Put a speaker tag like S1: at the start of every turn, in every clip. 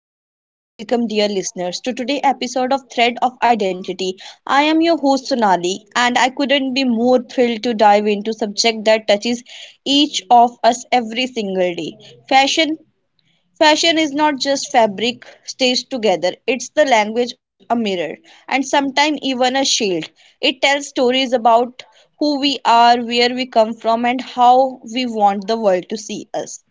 S1: Namaste and welcome, dear listeners, to today's episode of Thread of Identity. I am your host Sonali, and I couldn't be more thrilled to dive into subject that touches each of us every single day. Fashion. Fashion is not just fabric stitched together; it's the language, a mirror, and sometimes even a shield. It tells stories about who we are, where we come from, and how we want the world to see us.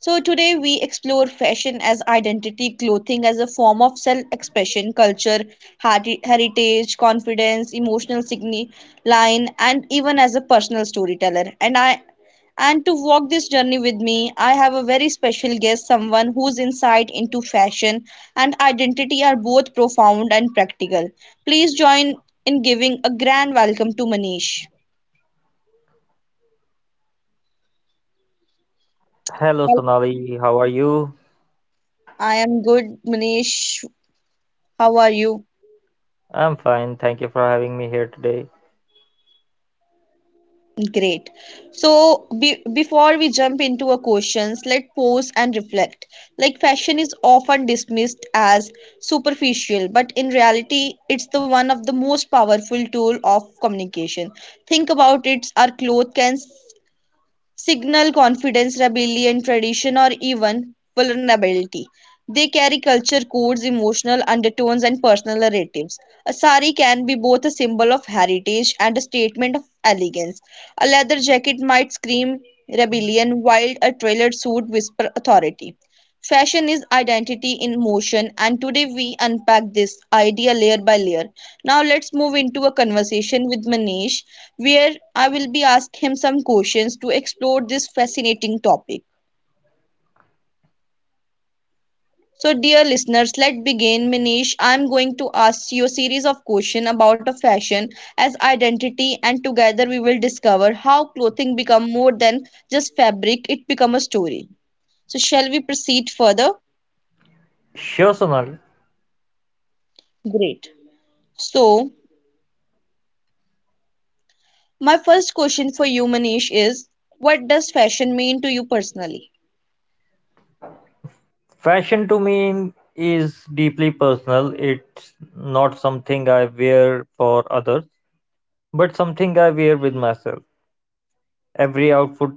S1: So today we explore fashion as identity, clothing as a form of self-expression, culture, heritage, confidence, emotional signi- line, and even as a personal storyteller. And to walk this journey with me, I have a very special guest, someone whose insight into fashion and identity are both profound and practical. Please join in giving a grand welcome to Manish.
S2: Hello
S1: Well,
S2: Sonali, how are you?
S1: I am good, Manish. How are you?
S2: I'm fine, thank you for having me here today.
S1: Great. So be before we jump into our questions, let's pause and reflect. Like fashion is often dismissed as superficial, but in reality, it's the one of the most powerful tool of communication. Think about it, our clothes can signal confidence, rebellion, tradition, or even vulnerability. They carry culture codes, emotional undertones, and personal narratives. A sari can be both a symbol of heritage and a statement of elegance. A leather jacket might scream rebellion, while a tailored suit whispers authority. Fashion is identity in motion, and today we unpack this idea layer by layer. Now let's move into a conversation with Manish, where I will be asking him some questions to explore this fascinating topic. So, dear listeners, let's begin. Manish, I'm going to ask you a series of questions about a fashion as identity, and together we will discover how clothing become more than just fabric; it become a story. So, shall we proceed further?
S2: Sure, Sonali.
S1: Great. So, my first question for you, Manish, is what does fashion mean to you personally?
S2: Fashion to me is deeply personal. It's not something I wear for others, but something I wear with myself. Every outfit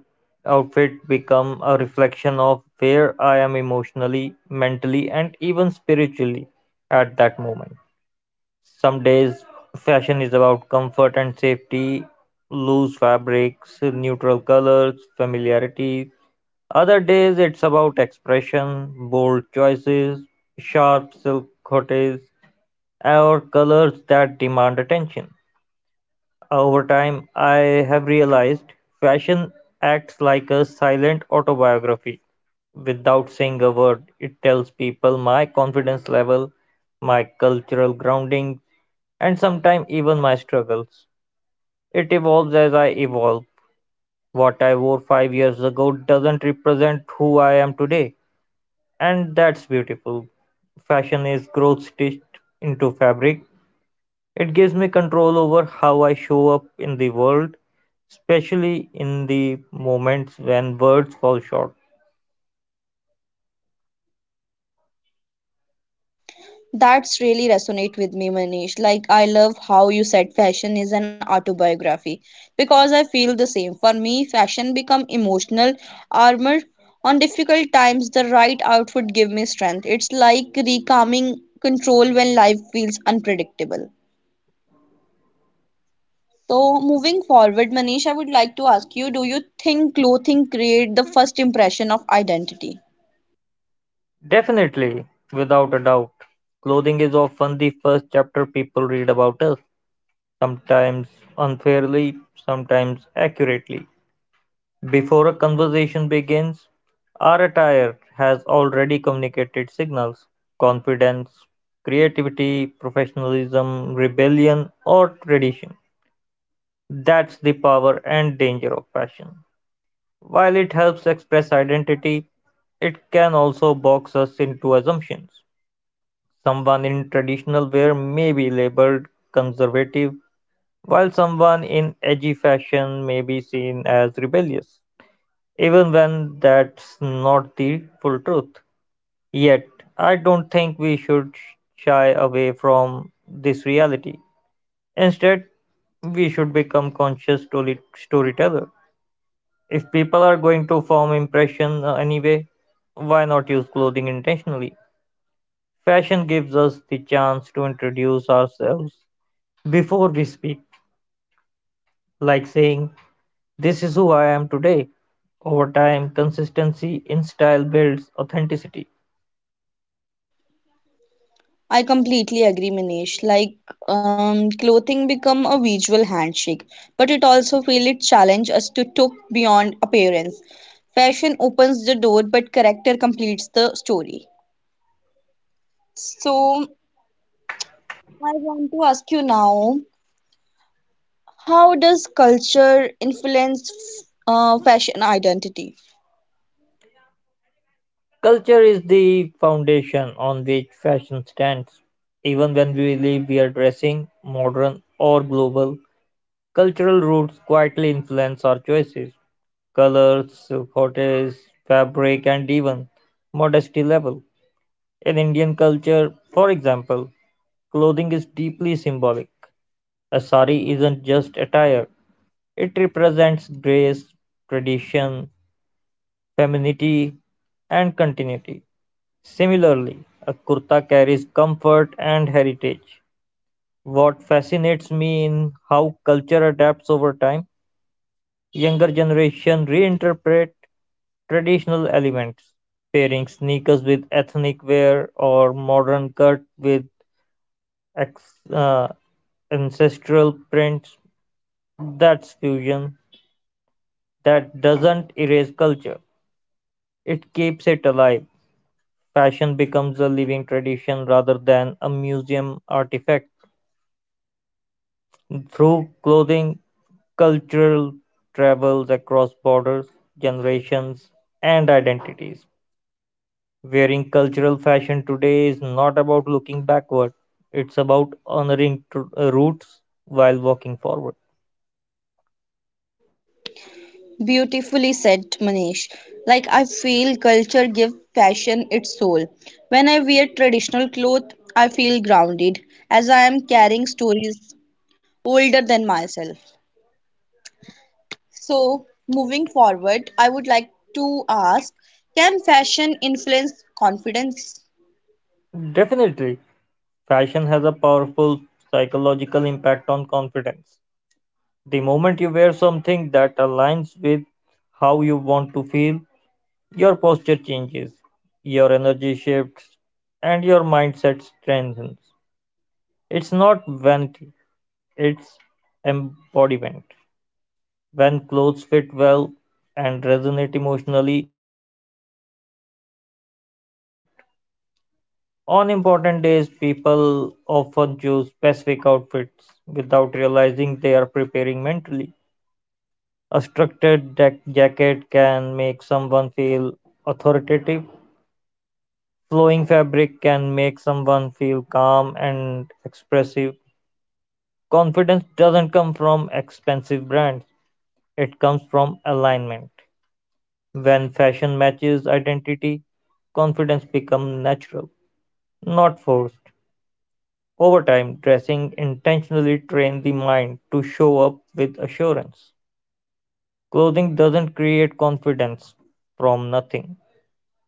S2: outfit become a reflection of where I am emotionally, mentally, and even spiritually at that moment. Some days fashion is about comfort and safety, loose fabrics, neutral colors, familiarity. Other days it's about expression, bold choices, sharp silk cottes, or colors that demand attention. Over time, I have realized fashion acts like a silent autobiography. Without saying a word, it tells people my confidence level, my cultural grounding, and sometimes even my struggles. It evolves as I evolve. What I wore 5 years ago doesn't represent who I am today, and that's beautiful. Fashion is growth stitched into fabric. It gives me control over how I show up in the world, especially in the moments when words fall short.
S1: That's really resonate with me, Manish. Like I love how you said fashion is an autobiography because I feel the same. For me, fashion become emotional armor. On difficult times, the right outfit give me strength. It's like recalming control when life feels unpredictable. So moving forward, Manish, I would like to ask you, do you think clothing create the first impression of identity?
S2: Definitely, without a doubt, clothing is often the first chapter people read about us, sometimes unfairly, sometimes accurately. Before a conversation begins, our attire has already communicated signals: confidence, creativity, professionalism, rebellion, or tradition. That's the power and danger of fashion. While it helps express identity, it can also box us into assumptions. Someone in traditional wear may be labeled conservative, while someone in edgy fashion may be seen as rebellious even when that's not the full truth. Yet, I don't think we should shy away from this reality. Instead, we should become conscious storyteller. If people are going to form impression anyway, why not use clothing intentionally? Fashion gives us the chance to introduce ourselves before we speak, like saying, this is who I am today. Over time, consistency in style builds authenticity.
S1: I completely agree, Manish. Like, clothing become a visual handshake, but it also feel it challenge us to talk beyond appearance. Fashion opens the door, but character completes the story. So, I want to ask you now, how does culture influence fashion identity?
S2: Culture is the foundation on which fashion stands. Even when we believe we are dressing modern or global, cultural roots quietly influence our choices, colors, cottages, fabric, and even modesty level. In Indian culture, for example, clothing is deeply symbolic. A sari isn't just attire, it represents grace, tradition, femininity, and continuity. Similarly, a kurta carries comfort and heritage. What fascinates me in how culture adapts over time, younger generation reinterpret traditional elements, pairing sneakers with ethnic wear or modern cut with ex- uh, ancestral prints. That's fusion. That doesn't erase culture. It keeps it alive. Fashion becomes a living tradition rather than a museum artifact. Through clothing, cultural travels across borders, generations, and identities. Wearing cultural fashion today is not about looking backward, it's about honoring roots while walking forward.
S1: Beautifully said, Manish. Like I feel culture gives fashion its soul. When I wear traditional clothes, I feel grounded as I am carrying stories older than myself. So, moving forward, I would like to ask, can fashion influence confidence?
S2: Definitely, fashion has a powerful psychological impact on confidence. The moment you wear something that aligns with how you want to feel, your posture changes, your energy shifts, and your mindset strengthens. It's not vanity, it's embodiment. When clothes fit well and resonate emotionally, they act like silence encouragement. On important days, people often choose specific outfits without realizing they are preparing mentally. A structured jacket can make someone feel authoritative, flowing fabric can make someone feel calm and expressive. Confidence doesn't come from expensive brands, it comes from alignment. When fashion matches identity, confidence becomes natural, not forced. Over time, dressing intentionally trains the mind to show up with assurance. Clothing doesn't create confidence from nothing,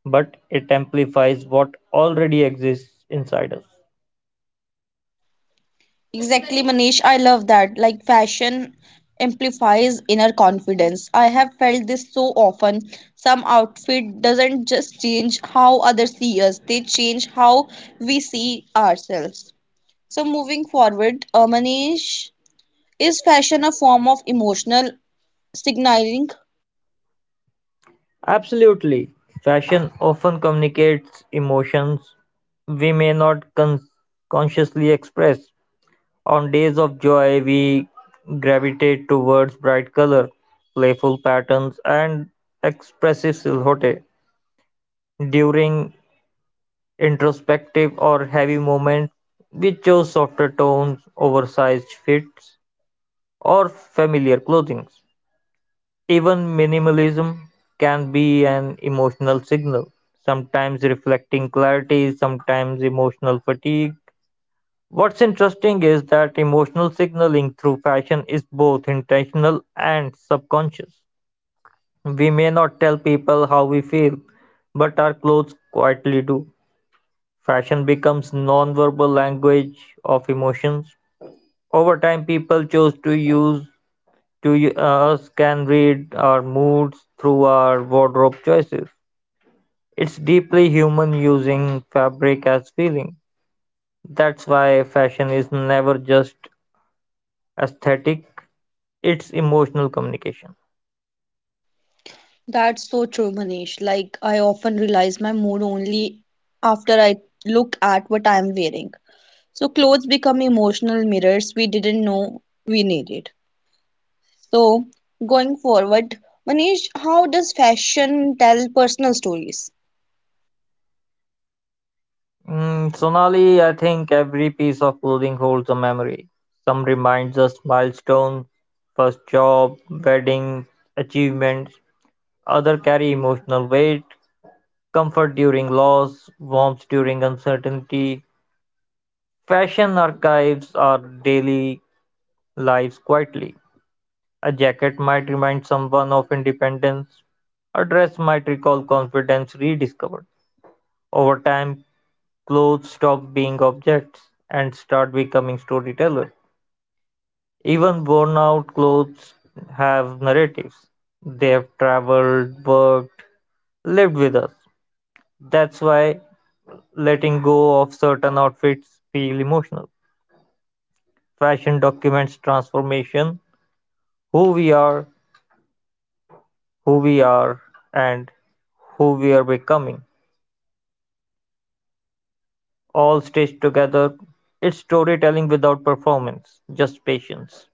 S2: but it amplifies what already exists inside us.
S1: Exactly, Manish. I love that. Like fashion amplifies inner confidence. I have felt this so often. Some outfit doesn't just change how others see us, they change how we see ourselves. So moving forward, Manish, is fashion a form of emotional signaling?
S2: Absolutely. Fashion often communicates emotions we may not con- consciously express. On days of joy, we gravitate towards bright color, playful patterns, and expressive silhouette. During introspective or heavy moments, we chose softer tones, oversized fits, or familiar clothing. Even minimalism can be an emotional signal, sometimes reflecting clarity, sometimes emotional fatigue. What's interesting is that emotional signaling through fashion is both intentional and subconscious. We may not tell people how we feel, but our clothes quietly do. Fashion becomes non-verbal language of emotions. Over time, people chose to use us can read our moods through our wardrobe choices. It's deeply human using fabric as feeling. That's why fashion is never just aesthetic, it's emotional communication.
S1: That's so true, Manish. Like I often realize my mood only after I look at what I am wearing. So clothes become emotional mirrors we didn't know we needed. So going forward, Manish, how does fashion tell personal stories?
S2: Sonali, I think every piece of clothing holds a memory. Some reminds us milestones, first job, wedding, achievements. Other carry emotional weight, comfort during loss, warmth during uncertainty. Fashion archives our daily lives quietly. A jacket might remind someone of independence. A dress might recall confidence rediscovered. Over time, clothes stop being objects and start becoming storytellers. Even worn out clothes have narratives. They have traveled, worked, lived with us. That's why letting go of certain outfits feel emotional. Fashion documents transformation, who we are, who we are and who we're becoming, all stitched together. It's storytelling without performance, just patience.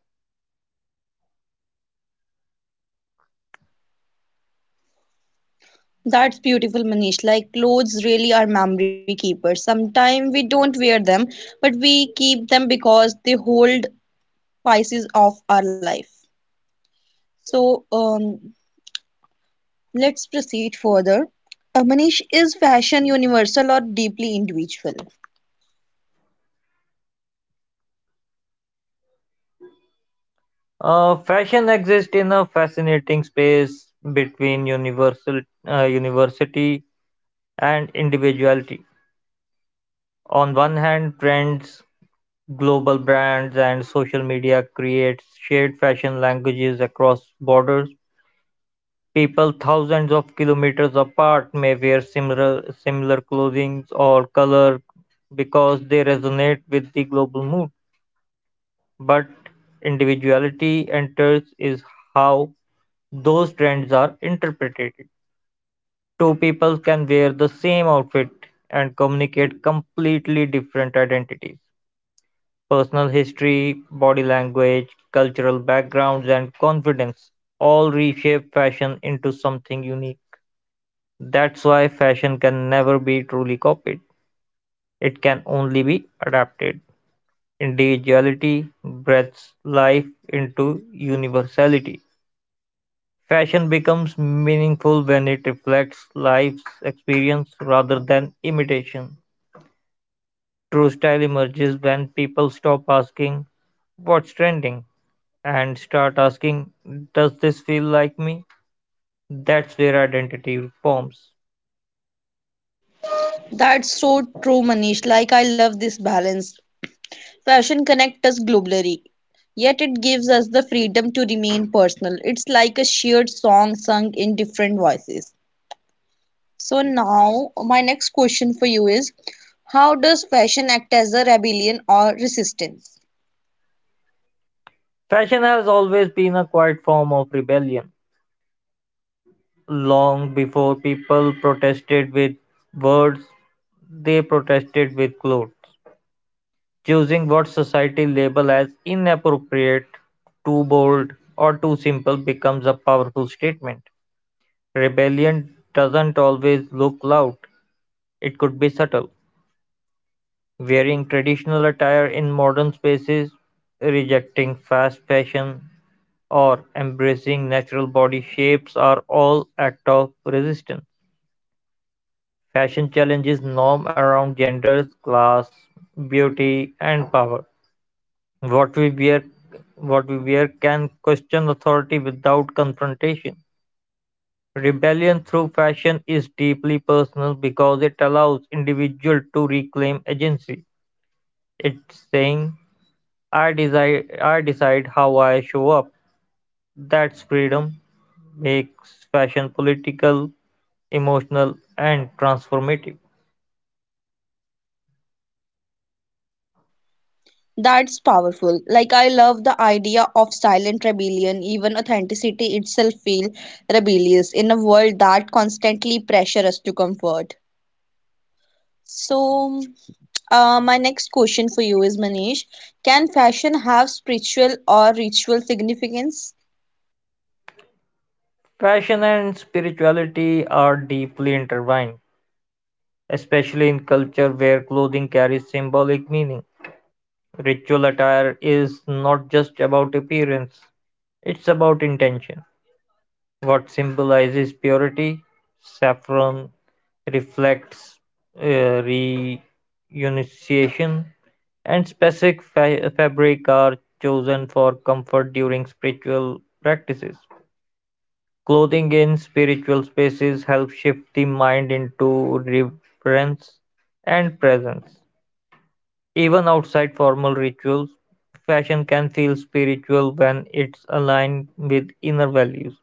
S1: That's beautiful, Manish. Like clothes really are memory keepers. Sometimes we don't wear them, but we keep them because they hold pieces of our life. So let's proceed further. Manish, is fashion universal or deeply individual?
S2: Fashion exists in a fascinating space between universal university and individuality. On one hand, trends, global brands, and social media creates shared fashion languages across borders. People thousands of kilometers apart may wear similar clothing or color because they resonate with the global mood, but individuality enters is how those trends are interpreted. Two people can wear the same outfit and communicate completely different identities. Personal history, body language, cultural backgrounds, and confidence all reshape fashion into something unique. That's why fashion can never be truly copied, it can only be adapted. Individuality breathes life into universality. Fashion becomes meaningful when it reflects life's experience rather than imitation. True style emerges when people stop asking, what's trending? And start asking, does this feel like me? That's where identity forms.
S1: That's so true, Manish. Like, I love this balance. Fashion connects us globally, yet it gives us the freedom to remain personal. It's like a shared song sung in different voices. So now my next question for you is how does fashion act as a rebellion or resistance?
S2: Fashion has always been a quiet form of rebellion. Long before people protested with words, they protested with clothes, choosing what society labels as inappropriate, too bold, or too simple becomes a powerful statement. Rebellion doesn't always look loud, it could be subtle. Wearing traditional attire in modern spaces, rejecting fast fashion, or embracing natural body shapes are all acts of resistance. Fashion challenges norm around gender, class, beauty, and power. What we wear, what we wear can question authority without confrontation. Rebellion through fashion is deeply personal because it allows individual to reclaim agency. It's saying, I decide how I show up." That's freedom. Makes fashion political, emotional, and transformative.
S1: That's powerful. Like I love the idea of silent rebellion. Even authenticity itself feels rebellious in a world that constantly pressures us to comfort. So, my next question for you is Manish, can fashion have spiritual or ritual significance?
S2: Fashion and spirituality are deeply intertwined, especially in culture where clothing carries symbolic meaning. Ritual attire is not just about appearance, it's about intention. What symbolizes purity? Saffron reflects renunciation, and specific fabric are chosen for comfort during spiritual practices. Clothing in spiritual spaces helps shift the mind into reverence and presence. Even outside formal rituals, fashion can feel spiritual when it's aligned with inner values.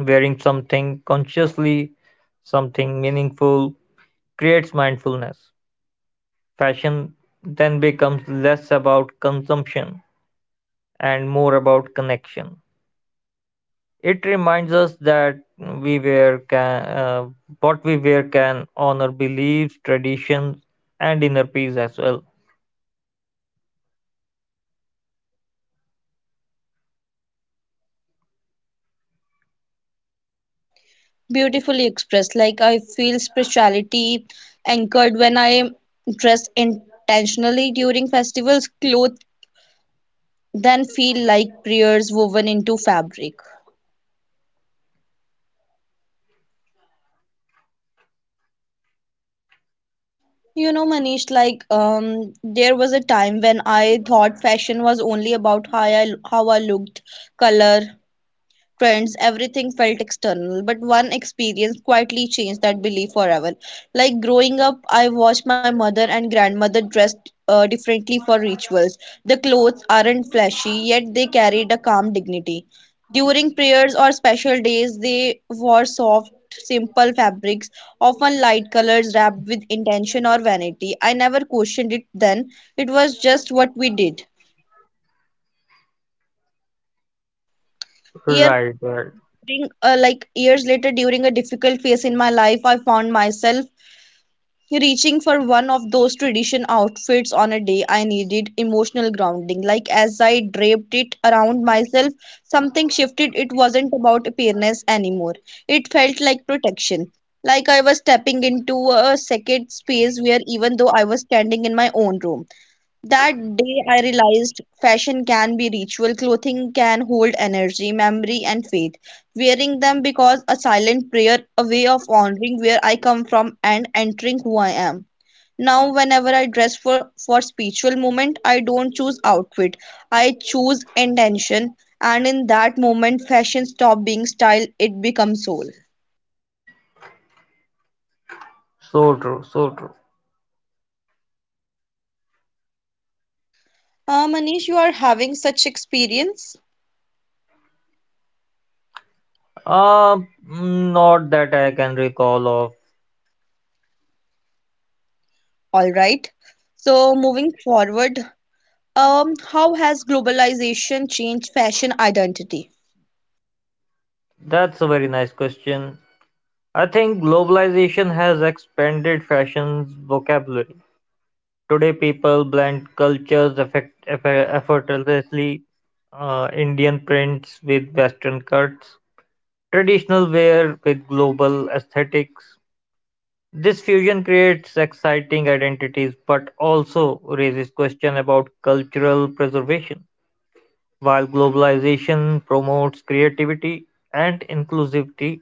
S2: Wearing something consciously, something meaningful, creates mindfulness. Fashion then becomes less about consumption and more about connection. It reminds us that what we wear can honor beliefs, traditions, and inner peace as well.
S1: Beautifully expressed. Like I feel spirituality anchored when I dress intentionally during festivals, clothes then feel like prayers woven into fabric. You know, Manish, like there was a time when I thought fashion was only about how I looked, color, trends, everything felt external, but one experience quietly changed that belief forever. Like growing up, I watched my mother and grandmother dressed differently for rituals. The clothes aren't flashy, yet they carried a calm dignity. During prayers or special days, they wore soft, simple fabrics, often light colors wrapped with intention or vanity. I never questioned it then, it was just what we did. Years
S2: Right, right.
S1: during like years later during a difficult phase in my life, I found myself reaching for one of those tradition outfits on a day I needed emotional grounding. Like as I draped it around myself, something shifted. It wasn't about appearance anymore, it felt like protection, like I was stepping into a sacred space, where even though I was standing in my own room. That day I realized fashion can be ritual, clothing can hold energy, memory, and faith. Wearing them because a silent prayer, a way of honoring where I come from and entering who I am. Now, whenever I dress for spiritual moment, I don't choose outfit. I choose intention, and in that moment, fashion stop being style; it becomes soul.
S2: So true, so true.
S1: Manish, you are having such experience.
S2: Not that I can recall of.
S1: All right. So moving forward, how has globalization changed fashion identity?
S2: That's a very nice question. I think globalization has expanded fashion's vocabulary. Today, people blend cultures effortlessly, Indian prints with Western cuts, traditional wear with global aesthetics. This fusion creates exciting identities but also raises questions about cultural preservation. While globalization promotes creativity and inclusivity,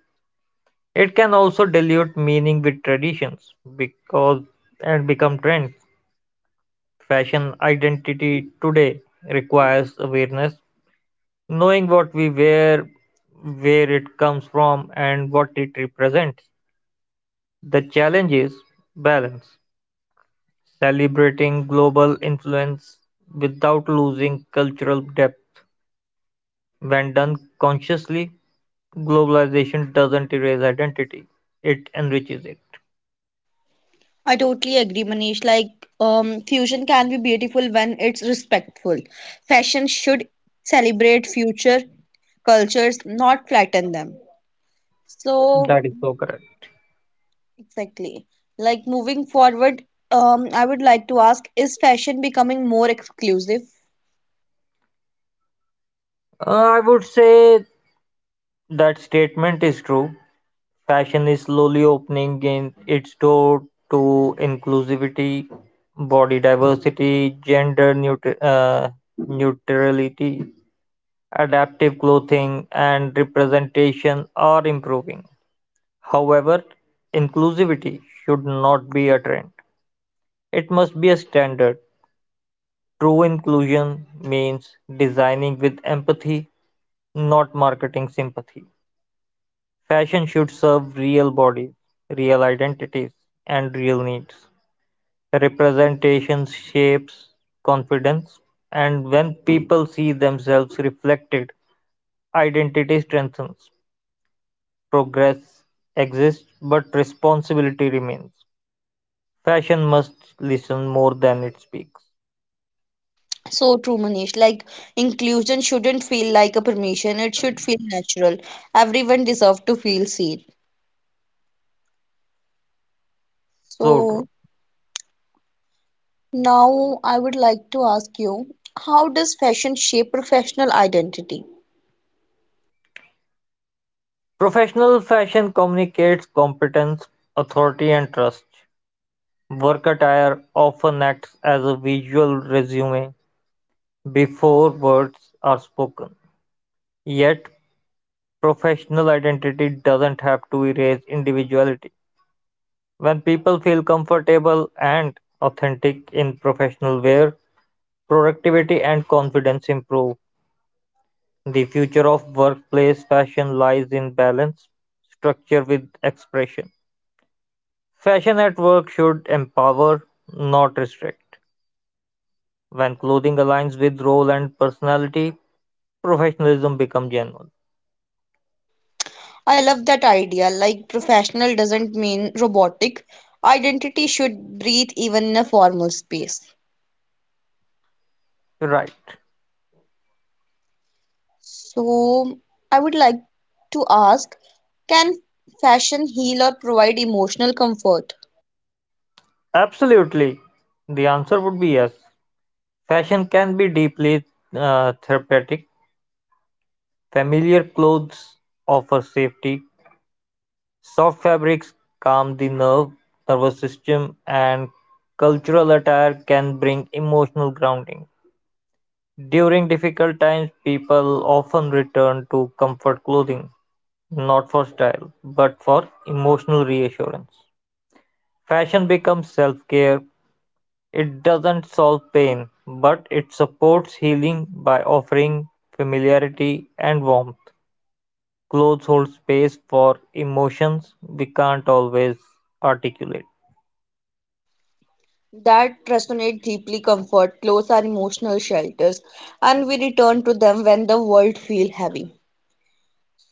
S2: it can also dilute meaning with traditions because and become trends. Fashion identity today requires awareness, knowing what we wear, where it comes from, and what it represents. The challenge is balance, celebrating global influence without losing cultural depth. When done consciously, globalization doesn't erase identity, it enriches it.
S1: I totally agree, Manish. Like, fusion can be beautiful when it's respectful. Fashion should celebrate future cultures, not flatten them. So,
S2: That is so correct.
S1: exactly. Like, moving forward, I would like to ask, is fashion becoming more exclusive?
S2: Uh, I would say that statement is true. Fashion is slowly opening in its door to inclusivity, body diversity, neutrality, adaptive clothing and representation are improving. However, inclusivity should not be a trend. It must be a standard. True inclusion means designing with empathy, not marketing sympathy. Fashion should serve real bodies, real identities, and real needs. Representation shapes confidence, and when people see themselves reflected, identity strengthens. Progress exists, but responsibility remains. Fashion must listen more than it speaks.
S1: So true, Manish. Like, inclusion shouldn't feel like a permission, it should feel natural. Everyone deserves to feel seen.
S2: So
S1: So,
S2: true.
S1: now, I would like to ask you, how does fashion shape professional identity?
S2: Professional fashion communicates competence, authority, and trust. Work attire often acts as a visual resume before words are spoken. Yet, professional identity doesn't have to erase individuality. When people feel comfortable and authentic in professional wear, productivity and confidence improve. The future of workplace fashion lies in balance structure with expression. Fashion at work should empower, not restrict. When clothing aligns with role and personality, professionalism becomes genuine.
S1: I love that idea. Like, professional doesn't mean robotic. Identity should breathe even in a formal space.
S2: Right.
S1: So, I would like to ask, can fashion heal or provide emotional comfort?
S2: Absolutely. The answer would be yes. Fashion can be deeply therapeutic. Familiar clothes offer safety, soft fabrics calm nervous system and cultural attire can bring emotional grounding. During difficult times, people often return to comfort clothing, not for style, but for emotional reassurance. Fashion becomes self care. It doesn't solve pain, but it supports healing by offering familiarity and warmth. Clothes hold space for emotions we can't always articulate.
S1: That resonate deeply comfort. Clothes are emotional shelters, and we return to them when the world feel heavy.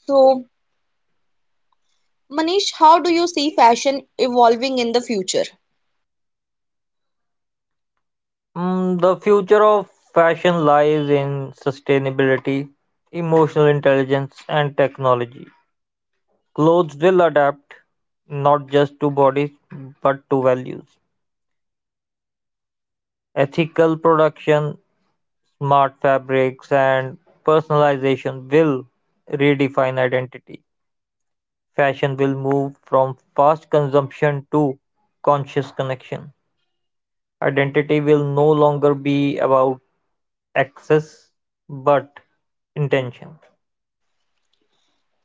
S1: So, Manish, how do you see fashion evolving in the future?
S2: The future of fashion lies in sustainability, emotional intelligence, and technology. Clothes will adapt not just to bodies but to values. Ethical production, smart fabrics, and personalization will redefine identity. Fashion will move from fast consumption to conscious connection. Identity will no longer be about access but intention.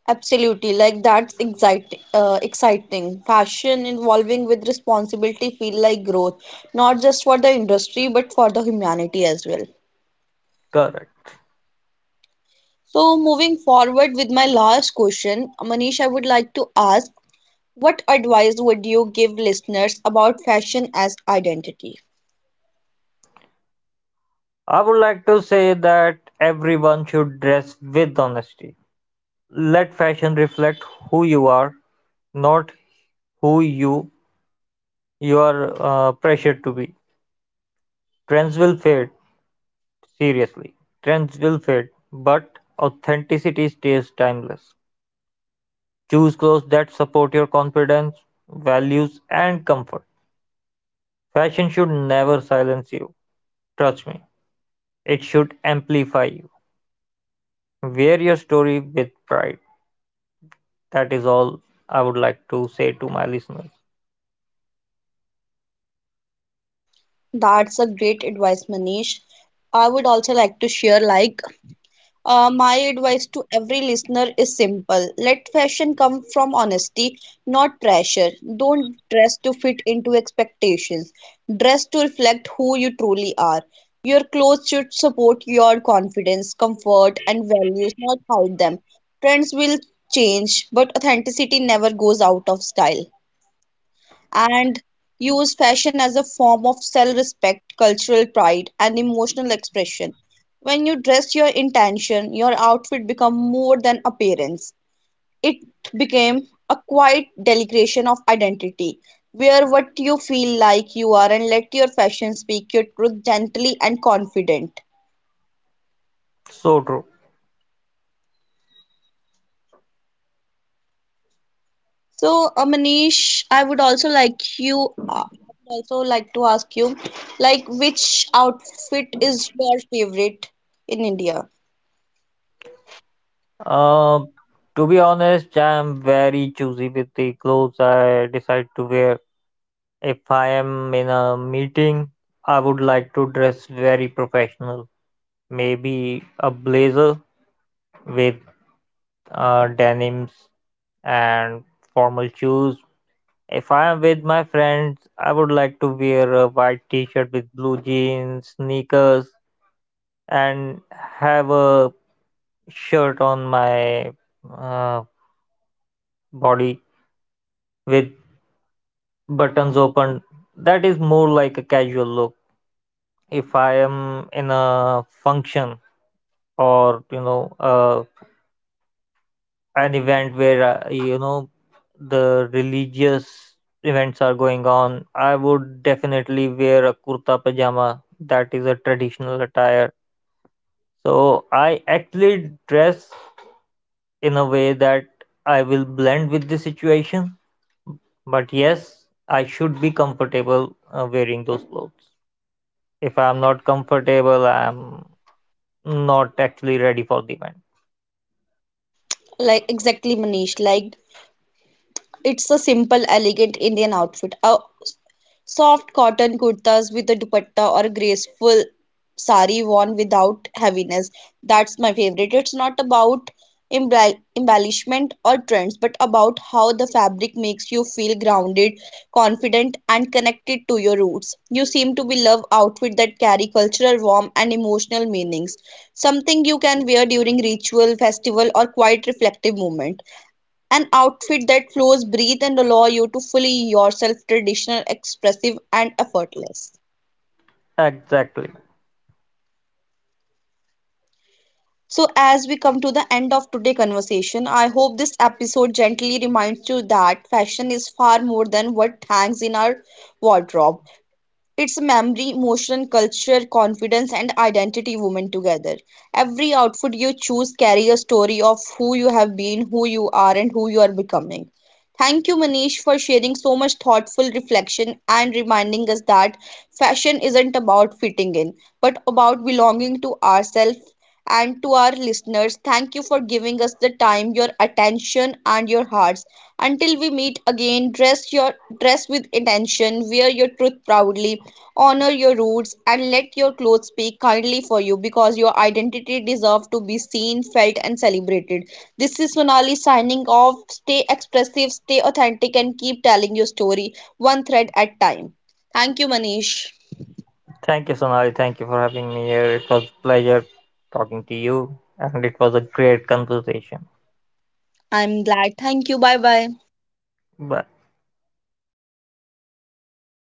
S1: Absolutely, like that's exciting. Exciting fashion evolving with responsibility feel like growth, not just for the industry but for the humanity as well.
S2: Correct.
S1: So moving forward with my last question, Manish, I would like to ask, what advice would you give listeners about fashion as identity?
S2: I would like to say that everyone should dress with honesty. Let fashion reflect who you are, not who you you are pressured to be. Trends will fade, seriously. Trends will fade, but authenticity stays timeless. Choose clothes that support your confidence, values, and comfort. Fashion should never silence you. Trust me, it should amplify you. Wear your story with pride. That is all I would like to say to my listeners.
S1: That's a great advice, Manish. I would also like to share like my advice to every listener is simple. Let fashion come from honesty, not pressure. Don't dress to fit into expectations. Dress to reflect who you truly are. Your clothes should support your confidence, comfort, and values, not hide them. Trends will change, but authenticity never goes out of style, and use fashion as a form of self respect, cultural pride, and emotional expression. When you dress your intention, your outfit become more than appearance. It became a quiet delegation of identity. Wear what you feel like you are and let your fashion speak your truth gently and confident.
S2: So true.
S1: So, Manish, I would also like to ask you like which outfit is your favorite in India?
S2: Uh, to be honest, I am very choosy with the clothes I decide to wear. If I am in a meeting, I would like to dress very professional. Maybe a blazer with denims and formal shoes. If I am with my friends, I would like to wear a white t shirt with blue jeans, sneakers, and have a shirt on my uh, body with buttons open. That is more like a casual look. If I am in a function or you know an event where you know the religious events are going on, I would definitely wear a kurta pajama. That is a traditional attire. So I actually dress in a way that I will blend with the situation. But yes, I should be comfortable wearing those clothes. If I'm not comfortable, I'm not actually ready for the event.
S1: Like exactly, Manish. Like it's a simple, elegant Indian outfit. A soft cotton kurtas with a dupatta or a graceful sari worn without heaviness. That's my favorite. It's not about embellishment or trends, but about how the fabric makes you feel grounded, confident, and connected to your roots. You seem to be love outfit that carry cultural warmth and emotional meanings. Something you can wear during ritual, festival, or quiet reflective moment. An outfit that flows, breathes, and allows you to fully yourself, traditional, expressive, and effortless.
S2: Exactly.
S1: So, as we come to the end of today's conversation, I hope this episode gently reminds you that fashion is far more than what hangs in our wardrobe. It's memory, emotion, culture, confidence, and identity woven together. Every outfit you choose carry a story of who you have been, who you are, and who you are becoming. Thank you, Manish, for sharing so much thoughtful reflection and reminding us that fashion isn't about fitting in, but about belonging to ourselves, and to our listeners, thank you for giving us the time, your attention, and your hearts. Until we meet again, dress with intention, wear your truth proudly, honor your roots, and let your clothes speak kindly for you because your identity deserves to be seen, felt, and celebrated. This is Sonali signing off. Stay expressive, stay authentic, and keep telling your story one thread at a time. Thank you, Manish.
S2: Thank you, Sonali. Thank you for having me here. It was a pleasure talking to you, and it was a great conversation.
S1: I'm glad. Thank you. Bye bye.
S2: Bye.